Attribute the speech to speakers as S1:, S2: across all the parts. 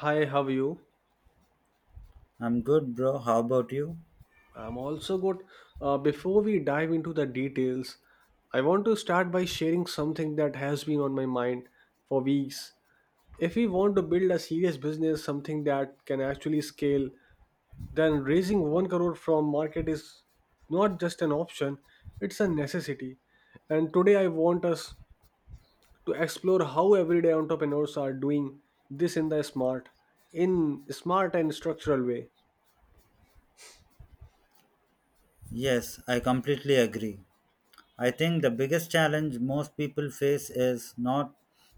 S1: Hi, how are you?
S2: I'm good, bro. How about you?
S1: I'm also good. Before we dive into the details, I want to start by sharing something that has been on my mind for weeks. If we want to build a serious business, something that can actually scale, then raising 1 crore from market is not just an option, it's a necessity. And today I want us to explore how everyday entrepreneurs are doing this in smart and structural way.
S2: Yes, I completely agree. I think the biggest challenge most people face is not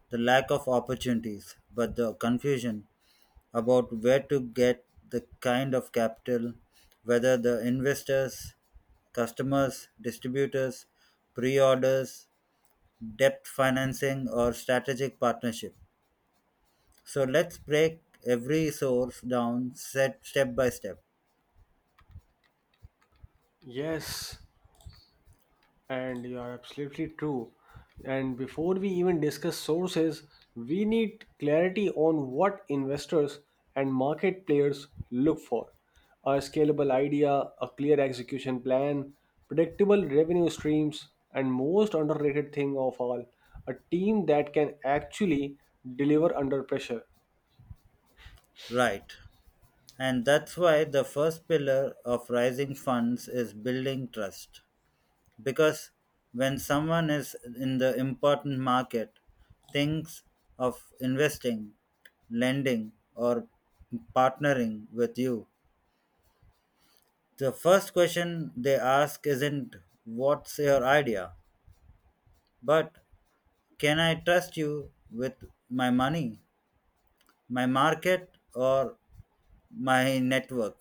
S2: the lack of opportunities, but the confusion about where to get the kind of capital, whether the investors, customers, distributors, pre orders, debt financing, or strategic partnership. So let's break every source down set step by step.
S1: Yes. And you are absolutely true. And before we even discuss sources, we need clarity on what investors and market players look for. A scalable idea, a clear execution plan, predictable revenue streams, and most underrated thing of all, a team that can actually deliver under pressure.
S2: Right. And that's why the first pillar of raising funds is building trust. Because when someone is in the important market, thinks of investing, lending, or partnering with you, the first question they ask isn't what's your idea, but can I trust you with my money, my market, or my network?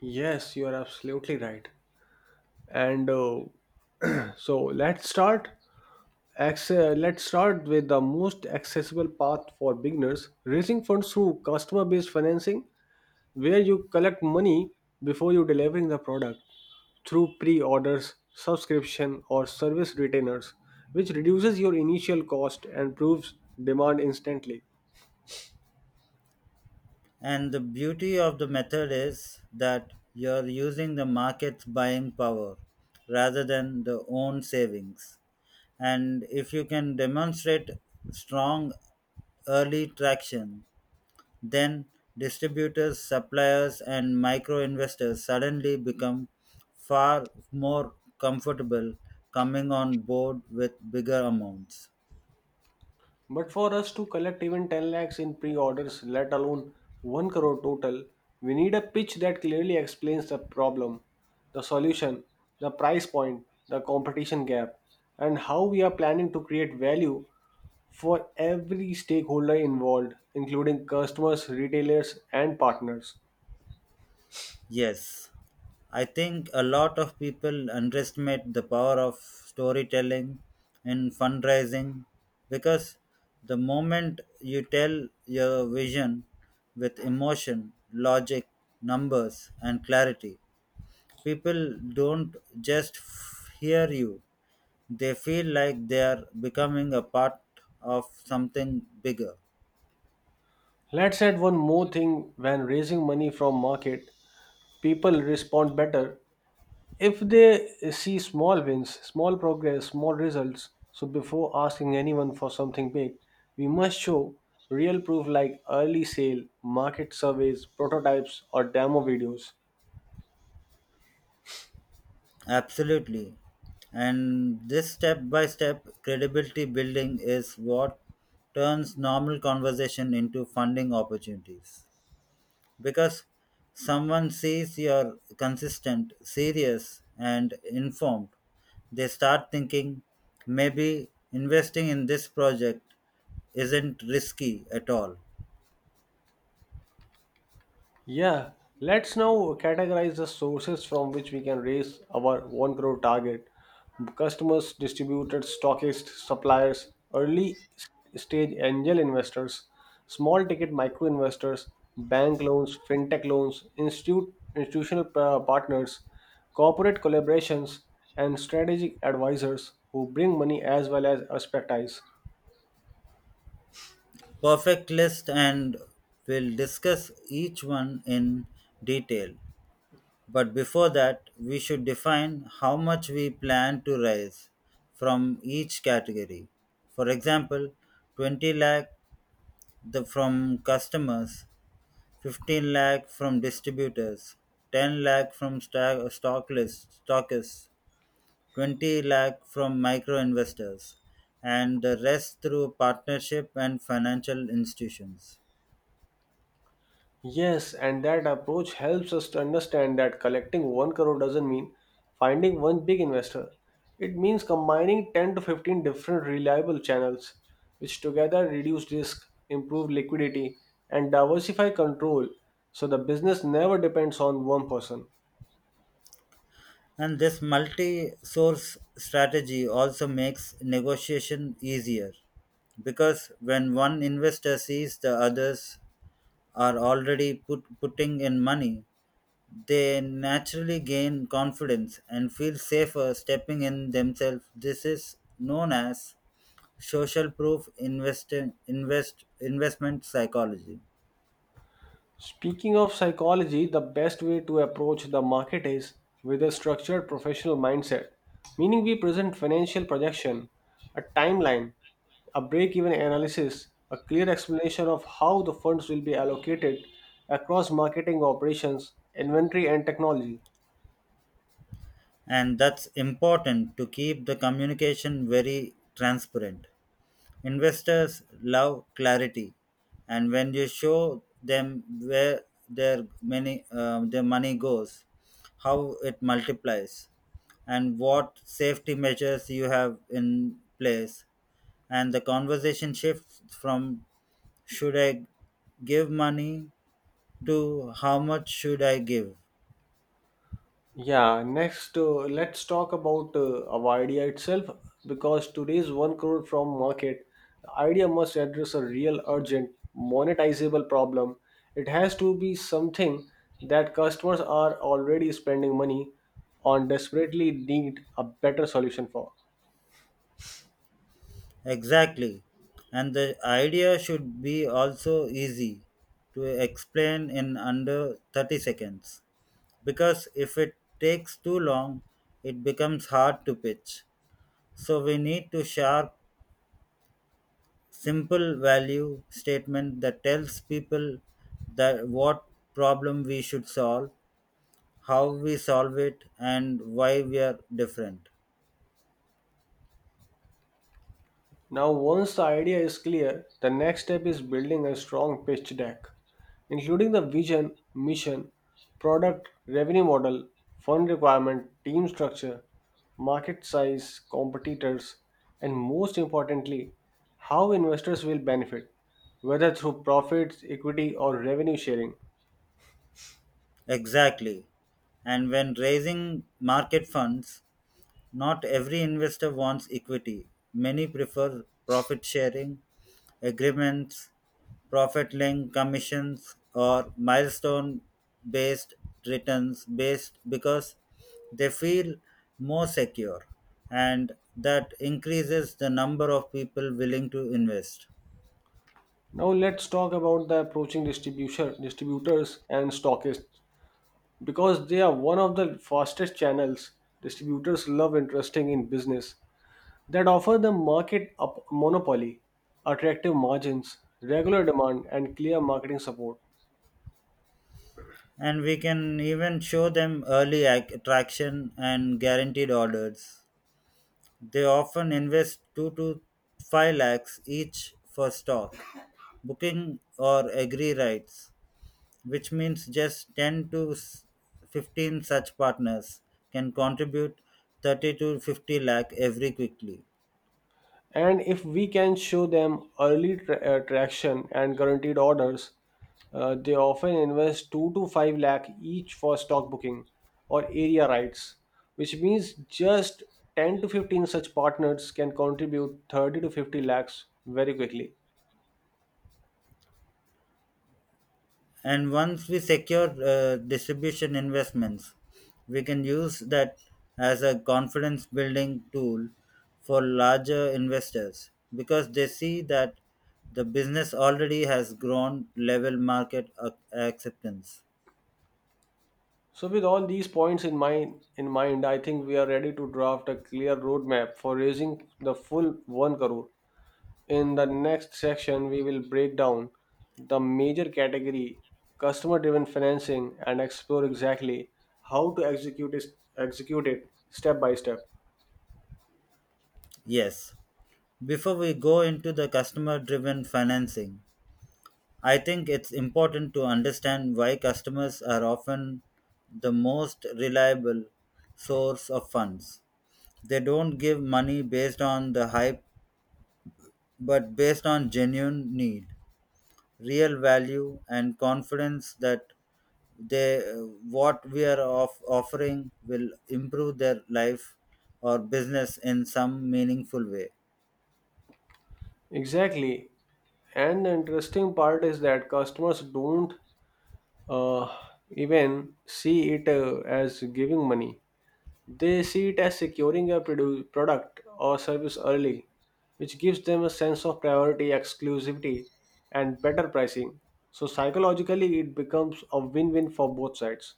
S1: Yes, you are absolutely right. And so let's start. Let's start with the most accessible path for beginners raising funds through customer based financing, where you collect money before you delivering the product through pre orders, subscription, or service retainers, which reduces your initial cost and proves demand instantly.
S2: And the beauty of the method is that you're using the market's buying power rather than the own savings. And if you can demonstrate strong early traction, then distributors, suppliers, and micro investors suddenly become far more comfortable coming on board with bigger amounts.
S1: But for us to collect even 10 lakhs in pre orders, let alone 1 crore total, we need a pitch that clearly explains the problem, the solution, the price point, the competition gap, and how we are planning to create value for every stakeholder involved, including customers, retailers, and partners.
S2: Yes, I think a lot of people underestimate the power of storytelling in fundraising because the moment you tell your vision with emotion, logic, numbers, and clarity, people don't just hear you, they feel like they are becoming a part of something bigger.
S1: Let's add one more thing: when raising money from market, people respond better if they see small wins, small progress, small results, so before asking anyone for something big, we must show real proof like early sale, market surveys, prototypes, or demo videos.
S2: Absolutely. And this step by step credibility building is what turns normal conversation into funding opportunities. Because someone sees you're consistent, serious, and informed, they start thinking maybe investing in this project isn't risky at all.
S1: Yeah, let's now categorize the sources from which we can raise our 1 crore target. Customers, distributors, stockists, suppliers, early stage angel investors, small ticket micro investors, bank loans, fintech loans, institutional partners, corporate collaborations, and strategic advisors who bring money as well as expertise.
S2: Perfect list, and we'll discuss each one in detail. But before that, we should define how much we plan to raise from each category. For example, 20 lakh from customers, 15 lakh from distributors, 10 lakh from stock lists, stockists, 20 lakh from micro investors, and the rest through partnership and financial institutions.
S1: Yes, and that approach helps us to understand that collecting 1 crore doesn't mean finding one big investor. It means combining 10 to 15 different reliable channels, which together reduce risk, improve liquidity, and diversify control so the business never depends on one person.
S2: And this multi source strategy also makes negotiation easier because when one investor sees the others are already putting in money, they naturally gain confidence and feel safer stepping in themselves. This is known as social proof investing invest investment psychology.
S1: Speaking of psychology, the best way to approach the market is with a structured professional mindset, meaning we present financial projection, a timeline, a break even analysis, a clear explanation of how the funds will be allocated across marketing operations, inventory, and technology.
S2: And that's important to keep the communication very transparent. Investors love clarity, and when you show them where their money goes, how it multiplies, and what safety measures you have in place, and the conversation shifts from should I give money to how much should I give.
S1: Yeah, next, let's talk about our idea itself, because today's 1 crore from market, the idea must address a real urgent monetizable problem. It has to be something that customers are already spending money on, desperately need a better solution for.
S2: Exactly, and the idea should be also easy to explain in under 30 seconds because if it takes too long, it becomes hard to pitch. So we need to sharp, simple value statement that tells people that what problem we should solve, how we solve it, and why we are different.
S1: Now, once the idea is clear, the next step is building a strong pitch deck, including the vision, mission, product, revenue model, fund requirement, team structure, market size, competitors, and most importantly, how investors will benefit, whether through profits, equity, or revenue sharing.
S2: Exactly. And when raising market funds, not every investor wants equity. Many prefer profit sharing agreements, profit linked commissions, or milestone based returns based because they feel more secure and that increases the number of people willing to invest.
S1: Now, let's talk about the approaching distribution, distributors and stockists, because they are one of the fastest channels. Distributors love interesting in business that offer the market a monopoly, attractive margins, regular demand, and clear marketing support.
S2: And we can even show them early traction and guaranteed orders. They often invest two to five lakhs each for stock, booking or agree rights, which means just 10 to 15 such partners can contribute 30 to 50 lakh every quickly.
S1: And if we can show them early traction and guaranteed orders, they often invest 2 to 5 lakh each for stock booking or area rights, which means just 10 to 15 such partners can contribute 30 to 50 lakhs very quickly.
S2: And once we secure distribution investments, we can use that as a confidence building tool for larger investors because they see that the business already has grown level market acceptance.
S1: So, with all these points in mind, I think we are ready to draft a clear roadmap for raising the full 1 crore. In the next section, we will break down the major category, customer driven financing, and explore exactly how to execute it step by step.
S2: Yes, before we go into the customer driven financing, I think it's important to understand why customers are often the most reliable source of funds. They don't give money based on the hype, but based on genuine need, real value, and confidence that they what we are offering will improve their life or business in some meaningful way.
S1: Exactly. And the interesting part is that customers don't uh, even see it as giving money. They see it as securing a product or service early, which gives them a sense of priority, exclusivity, and better pricing. So, psychologically, it becomes a win win for both sides.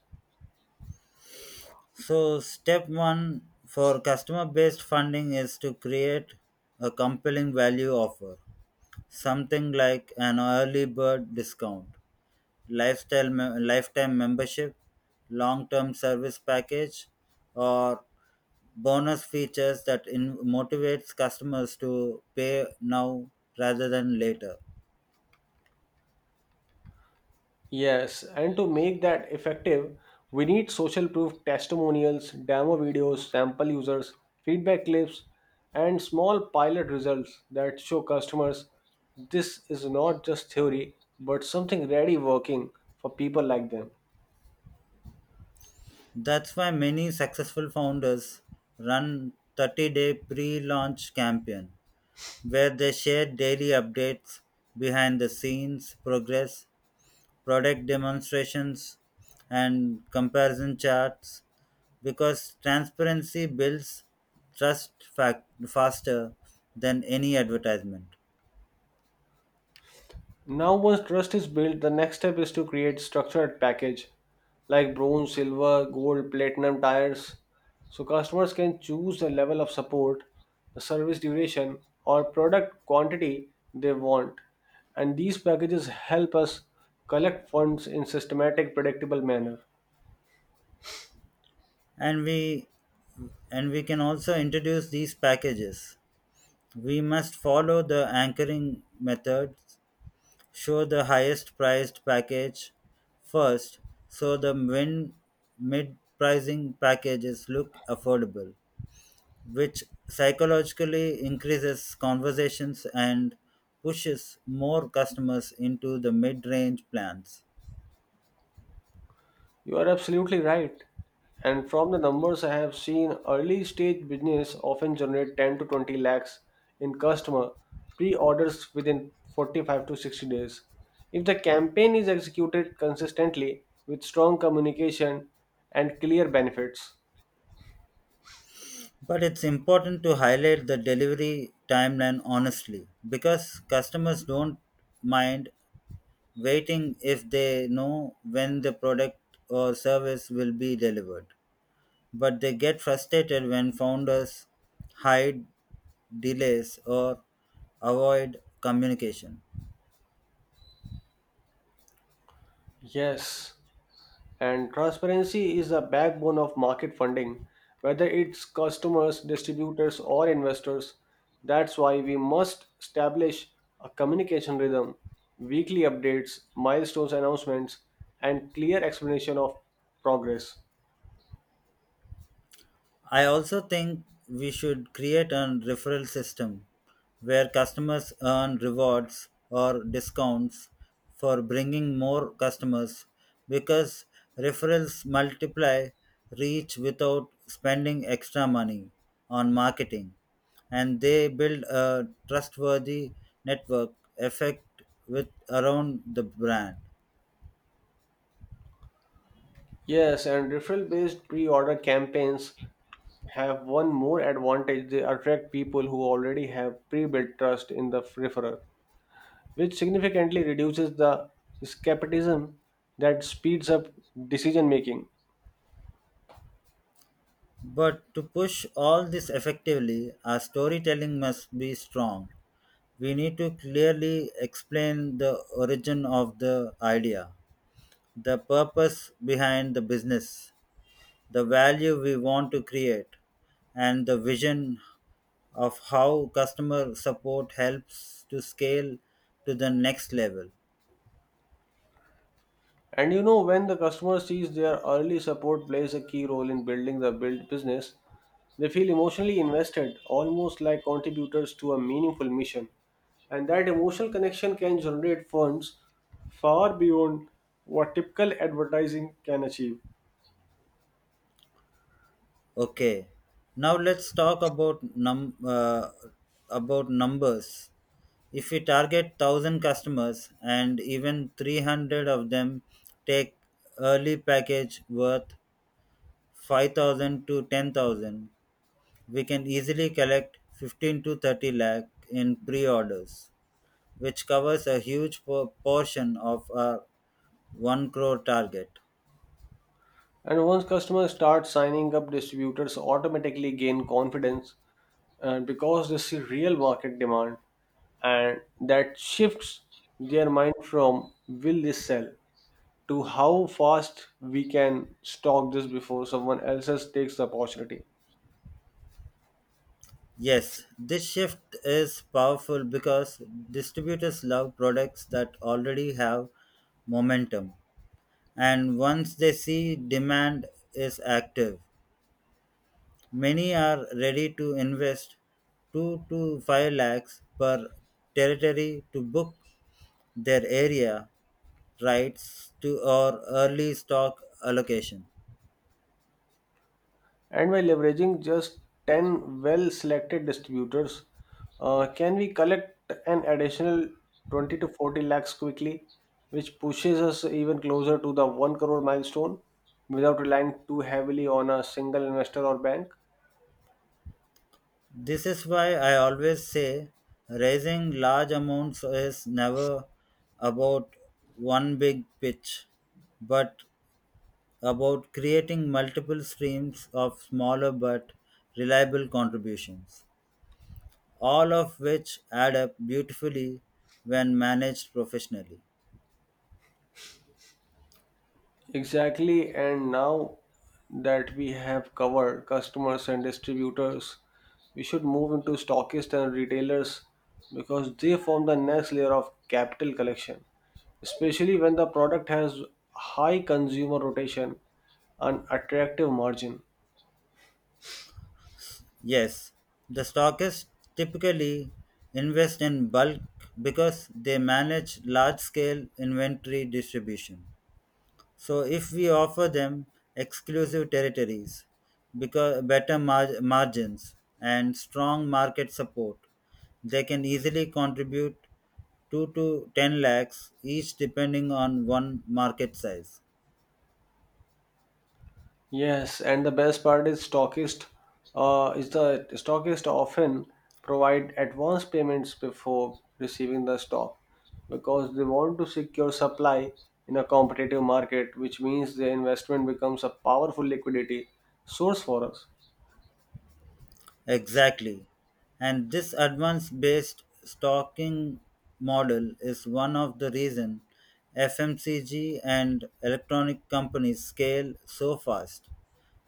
S2: So, step one for customer based funding is to create a compelling value offer, something like an early bird discount, lifetime membership, long-term service package, or bonus features that motivates customers to pay now rather than later.
S1: Yes, and to make that effective, we need social proof testimonials, demo videos, sample users, feedback clips, and small pilot results that show customers this is not just theory but something ready working for people like them.
S2: That's why many successful founders run 30-day pre-launch campaign where they share daily updates, behind the scenes progress, product demonstrations, and comparison charts because transparency builds trust faster than any advertisement.
S1: Now, once trust is built, the next step is to create structured package like bronze, silver, gold, platinum tires. So customers can choose the level of support, the service duration, or product quantity they want. And these packages help us collect funds in systematic, predictable manner.
S2: And we and we can also introduce these packages. We must follow the anchoring method, show the highest priced package first so the min mid pricing packages look affordable, which psychologically increases conversations and pushes more customers into the mid range plans.
S1: You are absolutely right. And from the numbers I have seen, early stage business often generate 10 to 20 lakhs in customer pre-orders within 45 to 60 days, if the campaign is executed consistently with strong communication and clear benefits.
S2: But it's important to highlight the delivery timeline honestly because customers don't mind waiting if they know when the product or service will be delivered. But they get frustrated when founders hide delays or avoid communication.
S1: Yes. And transparency is a backbone of market funding, whether it's customers, distributors, or investors. That's why we must establish a communication rhythm, weekly updates, milestones announcements, and clear explanation of progress.
S2: I also think we should create a referral system where customers earn rewards or discounts for bringing more customers because referrals multiply reach without spending extra money on marketing, and they build a trustworthy network effect with around the brand.
S1: Yes, and referral based pre order campaigns have one more advantage: they attract people who already have pre built trust in the referrer, which significantly reduces the skepticism that speeds up decision making.
S2: But to push all this effectively, our storytelling must be strong. We need to clearly explain the origin of the idea, the purpose behind the business, the value we want to create, and the vision of how customer support helps to scale to the next level.
S1: And when the customer sees their early support plays a key role in building the build business, they feel emotionally invested, almost like contributors to a meaningful mission. And that emotional connection can generate funds far beyond what typical advertising can achieve.
S2: Okay, now let's talk about numbers. If we target 1,000 customers and even 300 of them take early package worth 5,000 to 10,000, we can easily collect 15 to 30 lakh in pre-orders, which covers a huge portion of our 1 crore target.
S1: And once customers start signing up, distributors automatically gain confidence, and because they see real market demand, and that shifts their mind from will this sell to how fast we can stock this before someone else takes the opportunity.
S2: Yes, this shift is powerful because distributors love products that already have momentum. And once they see demand is active, many are ready to invest 2 to 5 lakhs per territory to book their area rights to or early stock allocation.
S1: And by leveraging just 10 well selected distributors, can we collect an additional 20 to 40 lakhs quickly, which pushes us even closer to the 1 crore milestone without relying too heavily on a single investor or bank?
S2: This is why I always say raising large amounts is never about one big pitch but about creating multiple streams of smaller but reliable contributions, all of which add up beautifully when managed professionally.
S1: Exactly, and now that we have covered customers and distributors, we should move into stockists and retailers, because they form the next layer of capital collection, especially when the product has high consumer rotation and attractive margin.
S2: Yes, the stockists typically invest in bulk because they manage large scale inventory distribution. So, if we offer them exclusive territories, because better margins, and strong market support, they can easily contribute 2 to 10 lakhs each depending on one market size.
S1: Yes, and the best part is stockist is the stockist often provide advance payments before receiving the stock, because they want to secure supply in a competitive market, which means the investment becomes a powerful liquidity source for us.
S2: Exactly. And this advance based stocking model is one of the reason FMCG and electronic companies scale so fast.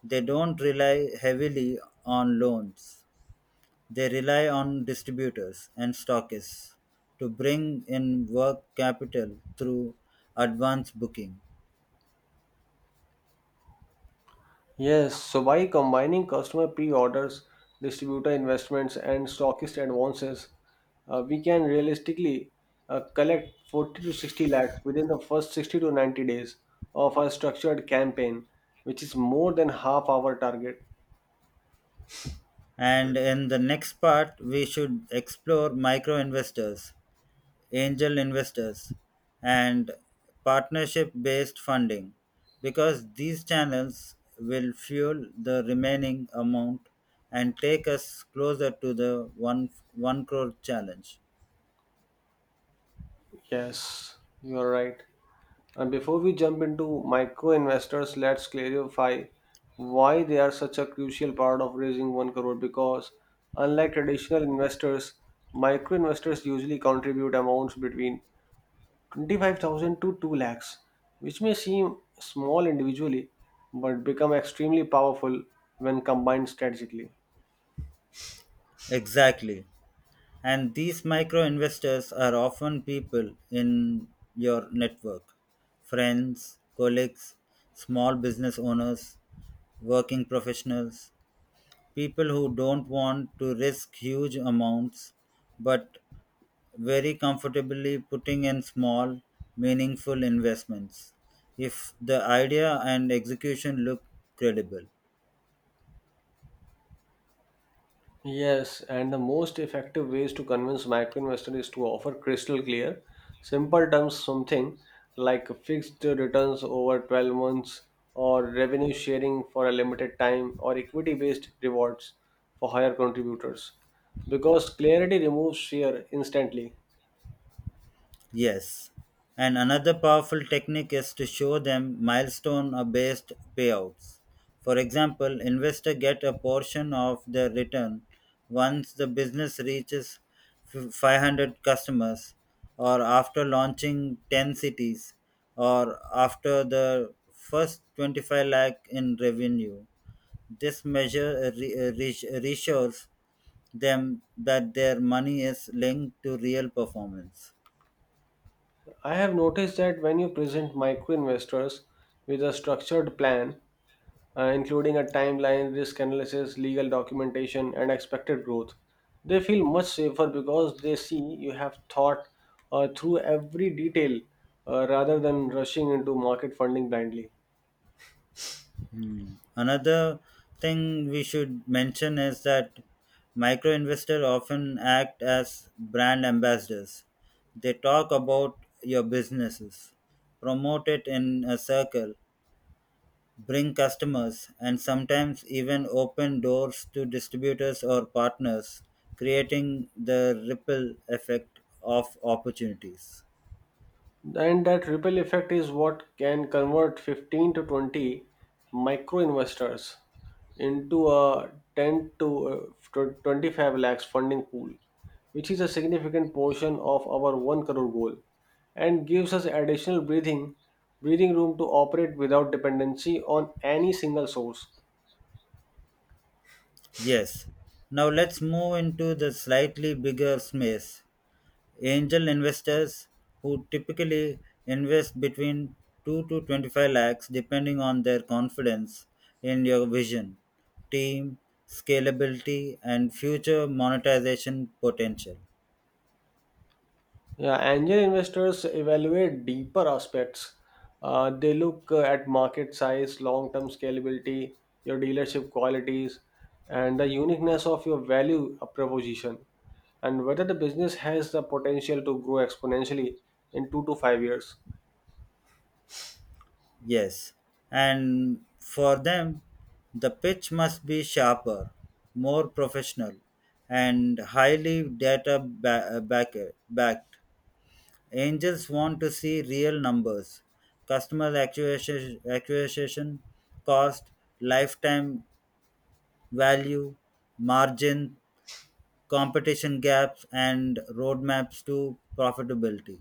S2: They don't rely heavily on loans. They rely on distributors and stockists to bring in work capital through advance booking.
S1: Yes, so by combining customer pre-orders, distributor investments, and stockist advances, we can realistically collect 40 to 60 lakhs within the first 60 to 90 days of our structured campaign, which is more than half our target.
S2: And in the next part, we should explore micro investors, angel investors, and partnership based funding because these channels will fuel the remaining amount and take us closer to the 1 crore challenge.
S1: Yes, you are right. And before we jump into micro investors, let's clarify why they are such a crucial part of raising 1 crore, because unlike traditional investors, micro investors usually contribute amounts between 25,000 to 2 lakhs, which may seem small individually but become extremely powerful when combined strategically.
S2: Exactly. And these micro investors are often people in your network: friends, colleagues, small business owners, working professionals, people who don't want to risk huge amounts but very comfortably putting in small, meaningful investments if the idea and execution look credible.
S1: Yes, and the most effective ways to convince micro investor is to offer crystal clear, simple terms, something like fixed returns over 12 months, or revenue sharing for a limited time, or equity based rewards for higher contributors. Because clarity removes fear instantly.
S2: Yes. And another powerful technique is to show them milestone based payouts. For example, investor get a portion of the return once the business reaches 500 customers or after launching 10 cities or after the first 25 lakh in revenue. This reassures them that their money is linked to real performance.
S1: I have noticed that when you present micro investors with a structured plan, including a timeline, risk analysis, legal documentation, and expected growth, they feel much safer because they see you have thought through every detail, rather than rushing into market funding blindly.
S2: Hmm. Another thing we should mention is that micro investors often act as brand ambassadors. They talk about your businesses, promote it in a circle, bring customers, and sometimes even open doors to distributors or partners, creating the ripple effect of opportunities.
S1: And that ripple effect is what can convert 15 to 20 micro investors into a 10 to 25 lakhs funding pool, which is a significant portion of our 1 crore goal and gives us additional breathing breathing room to operate without dependency on any single source.
S2: Yes. Now let's move into the slightly bigger space, angel investors, who typically invest between 2 to 25 lakhs depending on their confidence in your vision, team, scalability and future monetization potential.
S1: Yeah, angel investors evaluate deeper aspects. They look at market size, long term scalability, your dealership qualities, and the uniqueness of your value proposition, and whether the business has the potential to grow exponentially in 2 to 5 years.
S2: Yes. And for them, the pitch must be sharper, more professional, and highly data backed. Angels want to see real numbers, acquisition cost, lifetime value, margin, competition gaps, and roadmaps to profitability.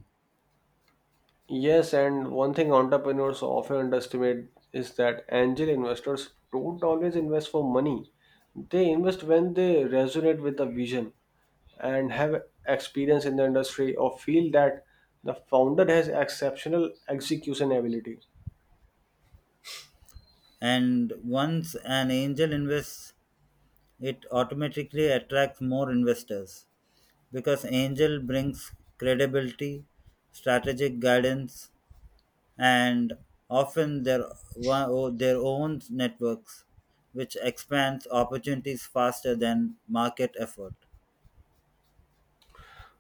S1: Yes, and one thing entrepreneurs often underestimate is that angel investors don't always invest for money. They invest when they resonate with the vision and have experience in the industry or feel that the founder has exceptional execution ability.
S2: And once an angel invests, it automatically attracts more investors because angel brings credibility, strategic guidance, and often their, wa- o- their own networks, which expands opportunities faster than market effort.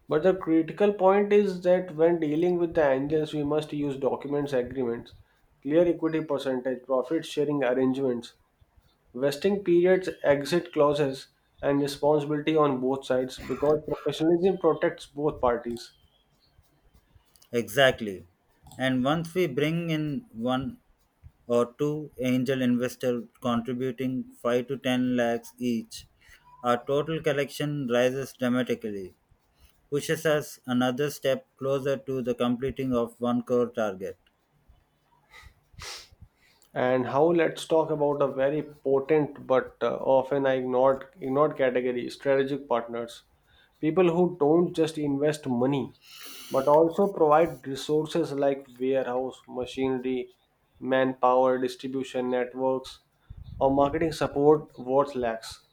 S1: But the critical point is that when dealing with the angels, we must use documents, agreements, clear equity percentage, profit sharing arrangements, vesting periods, exit clauses, and responsibility on both sides, because professionalism protects both parties.
S2: Exactly. And once we bring in one or two angel investors contributing 5 to 10 lakhs each, our total collection rises dramatically, pushes us another step closer to the completing of 1 crore target.
S1: And how, let's talk about a very potent but often ignored category: strategic partners. People who don't just invest money but also provide resources like warehouse, machinery, manpower, distribution networks, or marketing support worth lacks.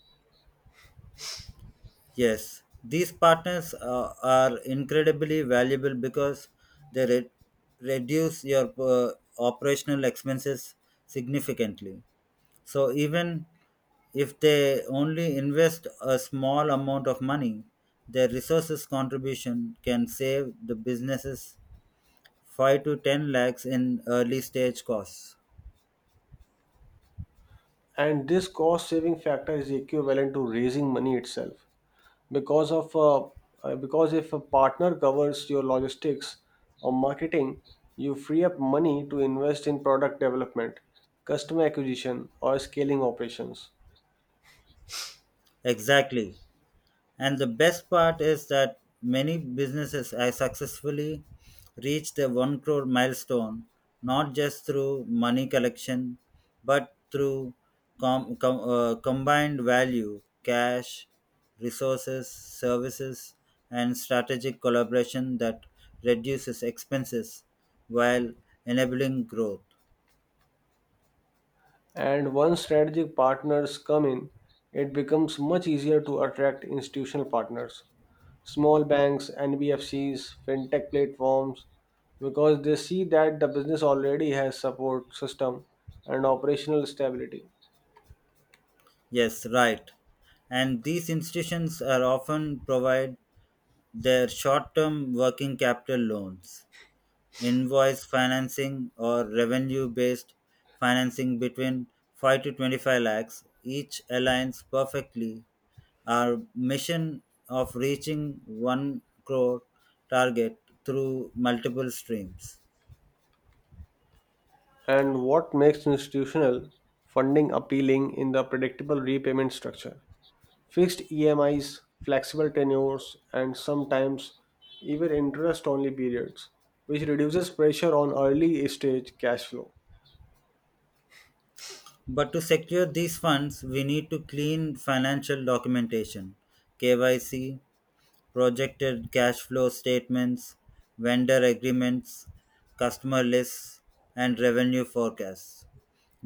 S2: Yes, these partners are incredibly valuable because they reduce your operational expenses significantly. So, even if they only invest a small amount of money, their resources contribution can save the businesses 5 to 10 lakhs in early stage costs.
S1: And this cost saving factor is equivalent to raising money itself, because of uh, because if a partner covers your logistics or marketing, you free up money to invest in product development, customer acquisition, or scaling operations.
S2: Exactly. And the best part is that many businesses have successfully reached the 1 crore milestone, not just through money collection, but through combined value, cash, resources, services, and strategic collaboration that reduces expenses while enabling growth.
S1: And once strategic partners come in, it becomes much easier to attract institutional partners, small banks, NBFCs, fintech platforms, because they see that the business already has support system and operational stability.
S2: Yes, right. And these institutions are often provide their short term working capital loans, invoice financing, or revenue based financing between 5 to 25 lakhs each aligns perfectly. Our mission of reaching 1 crore target through multiple streams.
S1: And what makes institutional funding appealing in the predictable repayment structure? Fixed EMIs, flexible tenures, and sometimes even interest only periods, which reduces pressure on early stage cash flow.
S2: But to secure these funds, we need to clean financial documentation, KYC, projected cash flow statements, vendor agreements, customer lists, and revenue forecasts.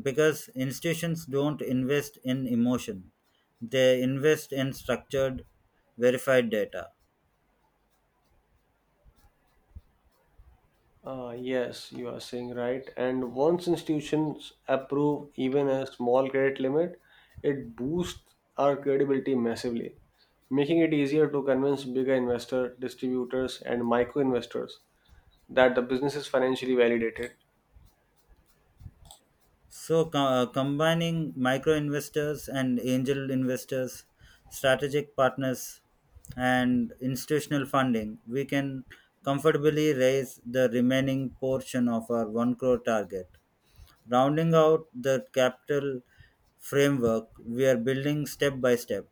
S2: Because institutions don't invest in emotion, they invest in structured, verified data.
S1: Ah, yes, you are saying right. And once institutions approve even a small credit limit, it boosts our credibility massively, making it easier to convince bigger investor, distributors, and micro investors that the business is financially validated.
S2: So, combining micro investors and angel investors, strategic partners, and institutional funding, we can comfortably raise the remaining portion of our 1 crore target, rounding out the capital framework we are building step by step.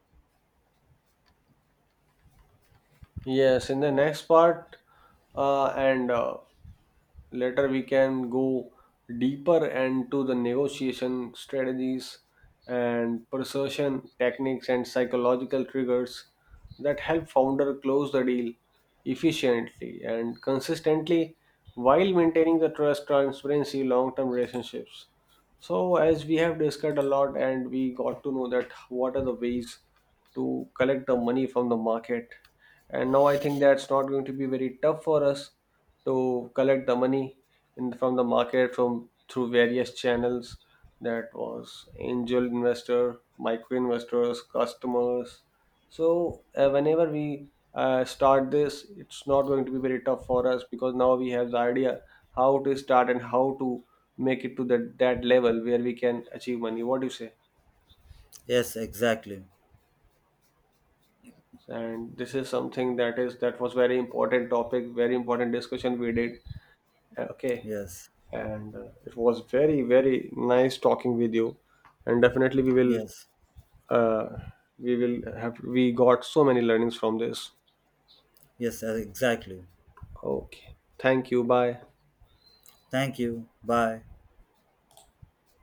S1: Yes, in the next part, and later we can go deeper into the negotiation strategies and persuasion techniques and psychological triggers that help founder close the deal efficiently and consistently while maintaining the trust transparency long-term relationships. So, as we have discussed a lot, and we got to know that what are the ways to collect the money from the market. And now I think that's not going to be very tough for us to collect the money from the market from through various channels. That was angel investor, micro investors, customers, so whenever we start this, it's not going to be very tough for us because now we have the idea how to start and how to make it to that level where we can achieve money. What do you say?
S2: Yes, exactly.
S1: And this is something that was very important topic, very important discussion we did. Okay,
S2: Yes.
S1: and it was very very nice talking with you, and definitely
S2: Yes.
S1: uh, we will have we got so many learnings from this.
S2: Yes, exactly.
S1: Okay, thank you. Bye.
S2: Thank you. Bye.